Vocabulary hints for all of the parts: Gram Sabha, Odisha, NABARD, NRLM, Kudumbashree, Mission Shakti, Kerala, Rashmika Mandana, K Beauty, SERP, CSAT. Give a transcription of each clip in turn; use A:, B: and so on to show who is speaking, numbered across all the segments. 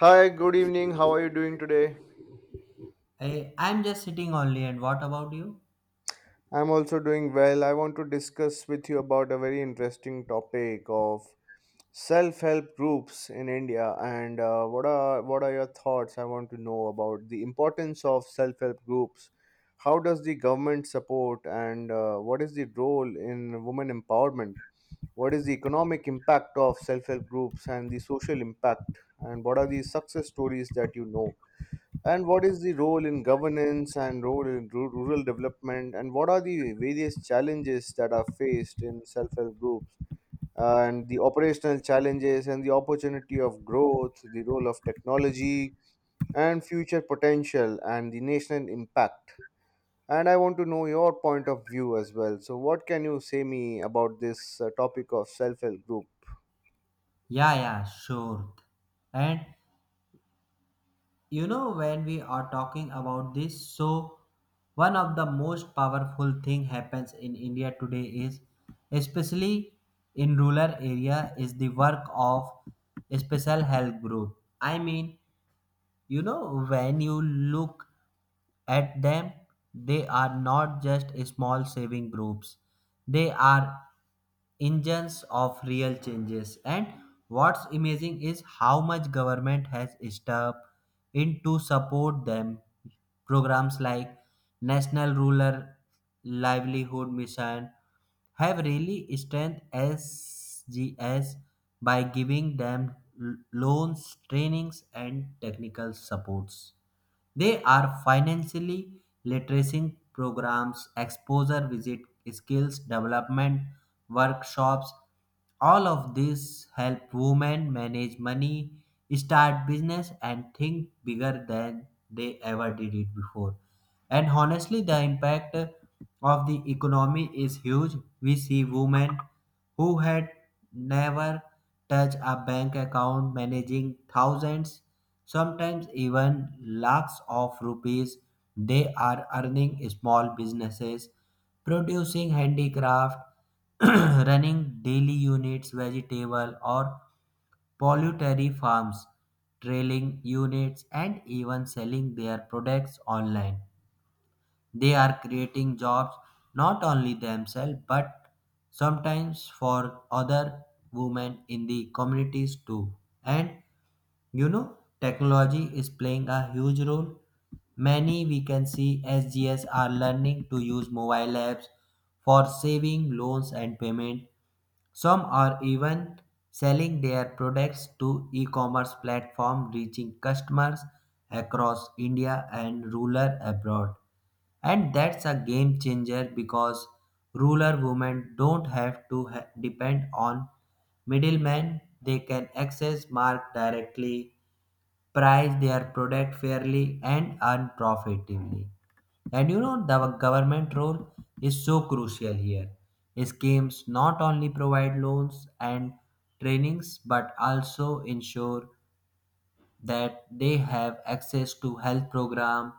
A: Hi, good evening. How are you doing today?
B: I'm just sitting only, and what about you?
A: I'm also doing well. I want to discuss with you about a very interesting topic of self-help groups in India and what are your thoughts? I want to know about the importance of self-help groups. How does the government support, and what is the role in women empowerment? What is the economic impact of self-help groups and the social impact? And what are the success stories that you know? And what is the role in governance and role in rural development? And what are the various challenges that are faced in self help groups? And the operational challenges and the opportunity of growth, the role of technology, and future potential and the national impact. And I want to know your point of view as well. So, what can you say me about this topic of self help group?
B: Yeah, yeah, sure. And when we are talking about this, so one of the most powerful thing happens in India today is, especially in rural area, is the work of special help group. When you look at them, they are not just small saving groups. They are engines of real changes, and what's amazing is how much government has stepped in to support them. Programs like national rural livelihood mission have really strengthened SGS by giving them loans, trainings, and technical supports. They are financially literacy programs, exposure visit, skills development workshops. All of these help women manage money, start business, and think bigger than they ever did it before. And honestly, the impact of the economy is huge. We see women who had never touched a bank account managing thousands, sometimes even lakhs of rupees. They are earning small businesses, producing handicraft, running daily units, vegetable or poultry farms, trailing units, and even selling their products online. They are creating jobs, not only themselves but sometimes for other women in the communities too. And technology is playing a huge role. Many we can see SGS are learning to use mobile apps for saving loans and payment. Some are even selling their products to e-commerce platform, reaching customers across India and rural abroad. And that's a game changer because rural women don't have to depend on middlemen. They can access market directly, price their product fairly, and earn profitably. The government role is so crucial here. Schemes not only provide loans and trainings but also ensure that they have access to health program,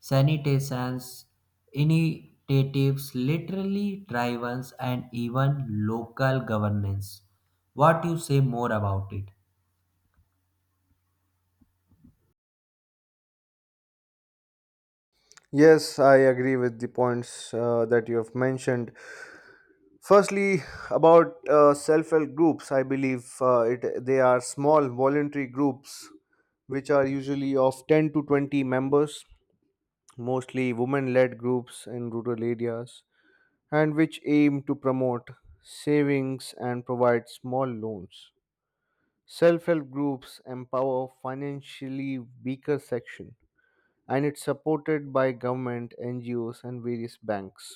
B: sanitations, initiatives, literally drivers, and even local governance. What you say more about it?
A: Yes, I agree with the points that you have mentioned. Firstly, about self-help groups, I believe it they are small voluntary groups which are usually of 10 to 20 members, mostly women-led groups in rural areas, and which aim to promote savings and provide small loans. Self-help groups empower financially weaker section, and it's supported by government, NGOs, and various banks.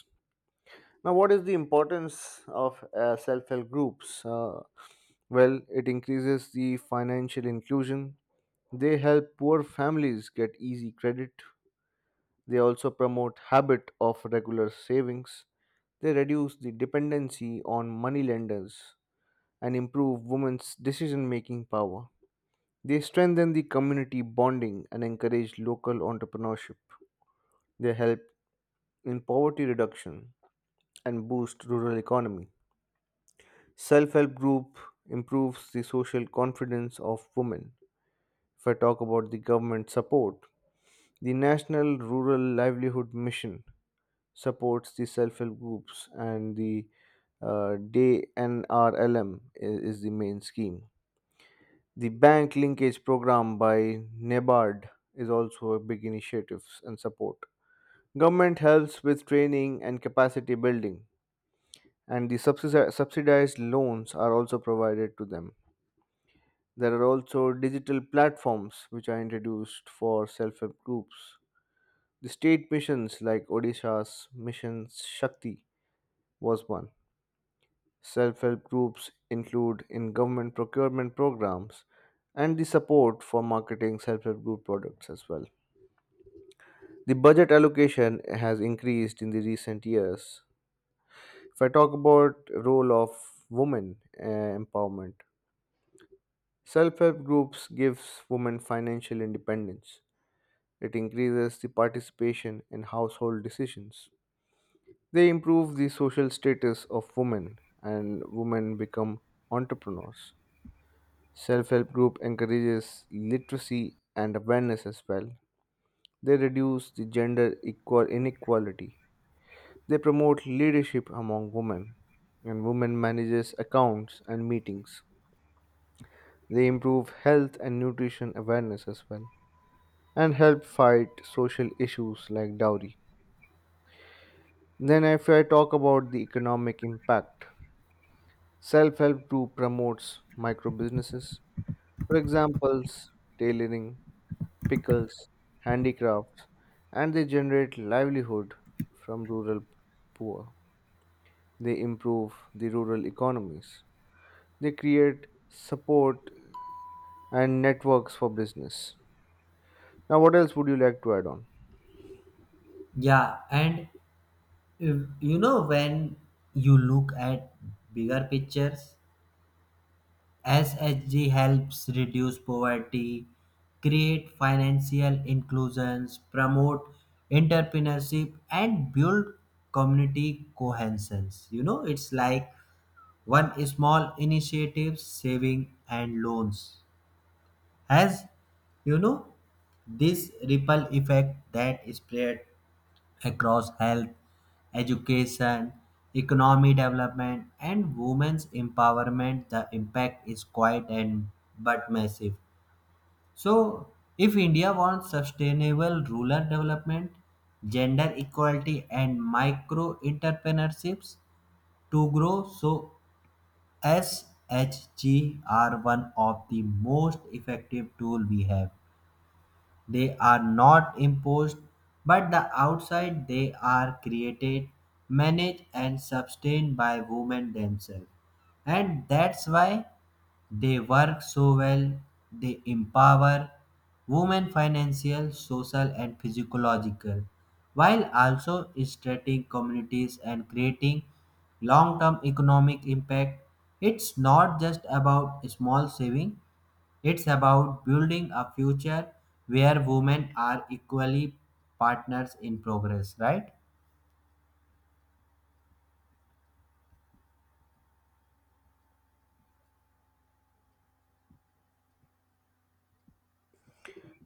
A: Now, what is the importance of self-help groups? Well, it increases the financial inclusion. They help poor families get easy credit. They also promote habit of regular savings. They reduce the dependency on moneylenders and improve women's decision-making power. They strengthen the community bonding and encourage local entrepreneurship. They help in poverty reduction and boost rural economy. Self-help group improves the social confidence of women. If I talk about the government support, the National Rural Livelihood Mission supports the self help groups, and the Day NRLM is the main scheme. The bank linkage program by NABARD is also a big initiative and support. Government helps with training and capacity building, and the subsidized loans are also provided to them. There are also digital platforms which are introduced for self help groups. The state missions like Odisha's Mission Shakti was one. Self help groups include in government procurement programs and the support for marketing self help group products as well. The budget allocation has increased in the recent years. If I talk about role of women empowerment, self help groups gives women financial independence. It increases the participation in household decisions. They improve the social status of women and women become entrepreneurs. Self help group encourages literacy and awareness as well. They reduce the gender equal inequality. They promote leadership among women and women manages accounts and meetings. They improve health and nutrition awareness as well and help fight social issues like dowry. Then if I talk about the economic impact, self help group promotes micro businesses, for examples, tailoring, pickles, handicrafts, and they generate livelihood from rural poor. They improve the rural economies. They create support and networks for business. Now, what else would you like to add on?
B: Yeah, and you know, when you look at bigger pictures, SHG helps reduce poverty, create financial inclusions, promote entrepreneurship, and build community cohesion. You know, it's like one small initiative, saving and loans. Has, you know this ripple effect that spread across health, education, economy development, and women's empowerment. The impact is quiet and but massive. So, if India wants sustainable rural development, gender equality, and micro entrepreneurships to grow, so SHG are one of the most effective tool we have. They are not imposed, but the outside they are created, managed, and sustained by women themselves. And that's why they work so well. They empower women financial, social, and physiological, while also strengthening communities and creating long-term economic impact. It's not just about small saving, it's about building a future where women are equally partners in progress, right?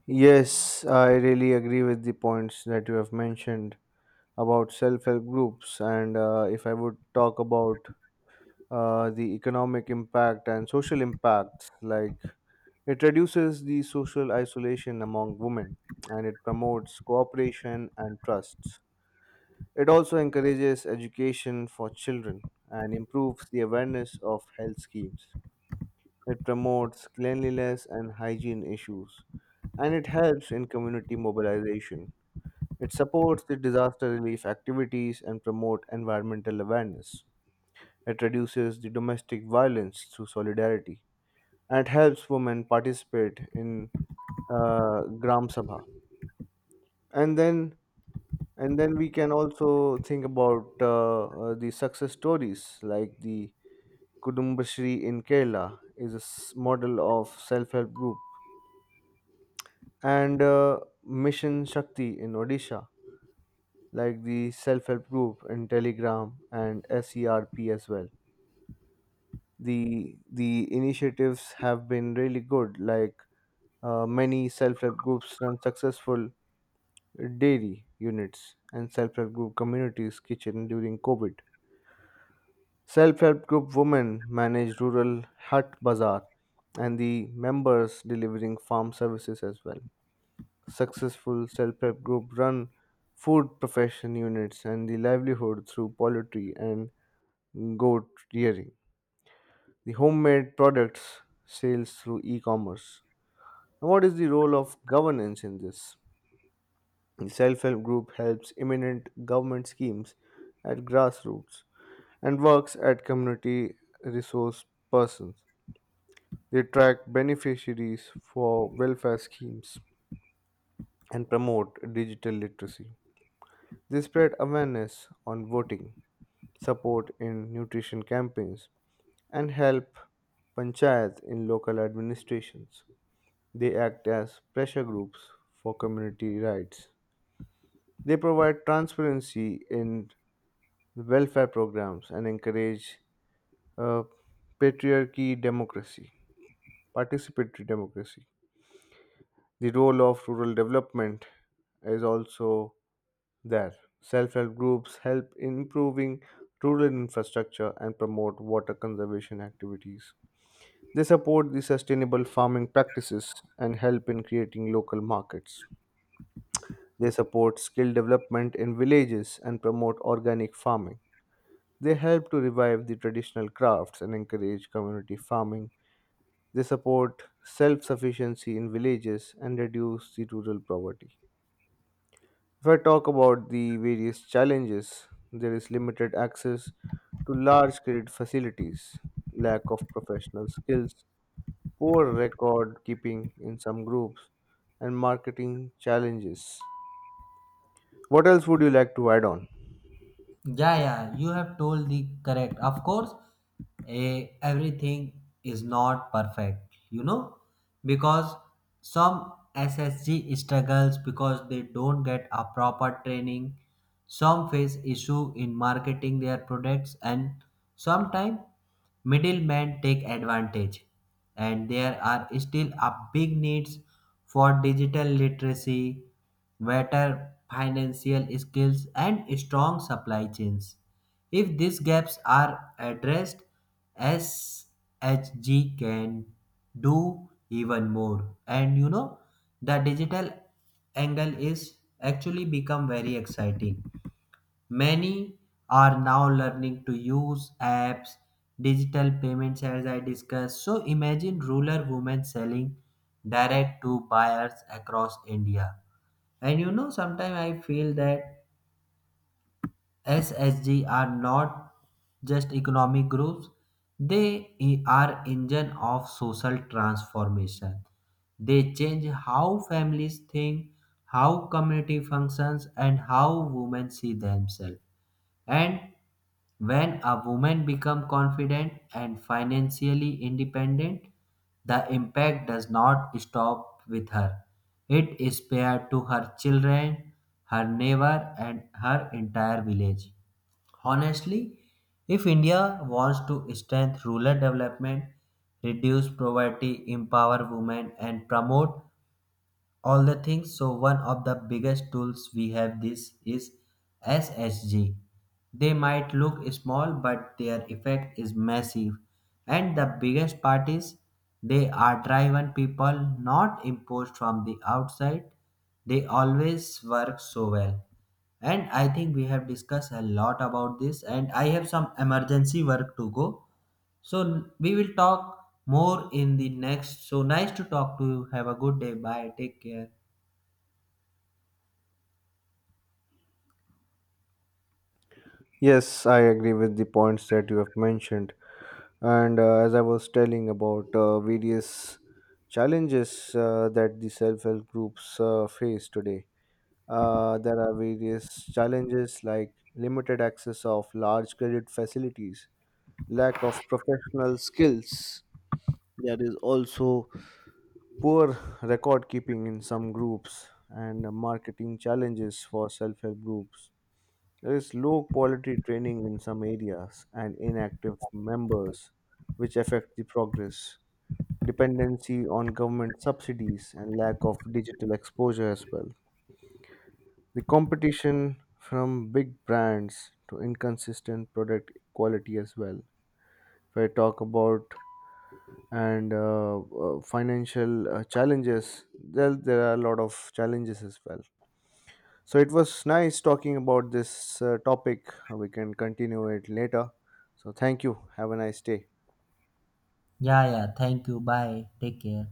A: Yes, I really agree with the points that you have mentioned about self help groups. And if I would talk about the economic impact and social impacts. Like it reduces the social isolation among women and it promotes cooperation and trust. It also encourages education for children and improves the awareness of health schemes. It promotes cleanliness and hygiene issues and it helps in community mobilization. It supports the disaster relief activities and promote environmental awareness. It reduces the domestic violence through solidarity and it helps women participate in Gram Sabha. And then and then we can also think about the success stories like the Kudumbashree in Kerala is a model of self-help group, and Mission Shakti in Odisha, like the self-help group in Telegram and SERP as well. The initiatives have been really good. Like many self-help groups run successful dairy units and self-help group communities kitchen during covid, self-help group women manage rural hut bazaar and the members delivering farm services as well, successful self-help group run food profession units and the livelihood through poultry and goat rearing, the homemade products sales through e-commerce. What is the role of governance in this? The self help group helps imminent government schemes at grassroots and works at community resource persons. They track beneficiaries for welfare schemes and promote digital literacy. They spread awareness on voting, support in nutrition campaigns, and help panchayats in local administrations. They act as pressure groups for community rights. They provide transparency in the welfare programs and encourage uh, patriarchy democracy, participatory democracy. The role of rural development is also there. Self help groups help in improving rural infrastructure and promote water conservation activities. They support the sustainable farming practices and help in creating local markets. They support skill development in villages and promote organic farming. They help to revive the traditional crafts and encourage community farming. They support self sufficiency in villages and reduce the rural poverty. If I talk about the various challenges, there is limited access to large credit facilities, lack of professional skills, poor record keeping in some groups, and marketing challenges. What else would you like to add on?
B: Yeah, yeah, you have told the correct. Of course, a everything is not perfect, you know, because some SSG struggles because they don't get a proper training. Some face issue in marketing their products, and sometimes middlemen take advantage. And there are still a big needs for digital literacy, better financial skills, and strong supply chains. If these gaps are addressed, SHG can do even more. The digital angle is actually become very exciting. Many are now learning to use apps, digital payments, as I discussed. So imagine rural women selling direct to buyers across India, and sometimes I feel that SSG are not just economic groups, they are engine of social transformation. They change how families think, how community functions, and how women see themselves. And when a woman becomes confident and financially independent, the impact does not stop with her. It is spared to her children, her neighbor, and her entire village. Honestly, if India wants to strengthen rural development, reduce poverty, empower women, and promote all the things, so one of the biggest tools we have this is SSG. They might look small but their effect is massive, and the biggest part is they are driven people, not imposed from the outside. They always work so well. And I think we have discussed a lot about this, and I have some emergency work to go. So we will talk more in the next. So nice to talk to you. Have a good day. Bye, take care.
A: Yes, I agree with the points that you have mentioned. And as I was telling about various challenges that the self help groups face today, there are various challenges like limited access of large credit facilities, lack of professional skills. There is also poor record keeping in some groups and marketing challenges for self help groups. There is low quality training in some areas and inactive members, which affect the progress, dependency on government subsidies, and lack of digital exposure as well. The competition from big brands to inconsistent product quality as well. If I talk about and financial challenges, there are a lot of challenges as well. So it was nice talking about this topic. We can continue it later. So thank you. Have a nice day.
B: Yeah, yeah. Thank you. Bye. Take care.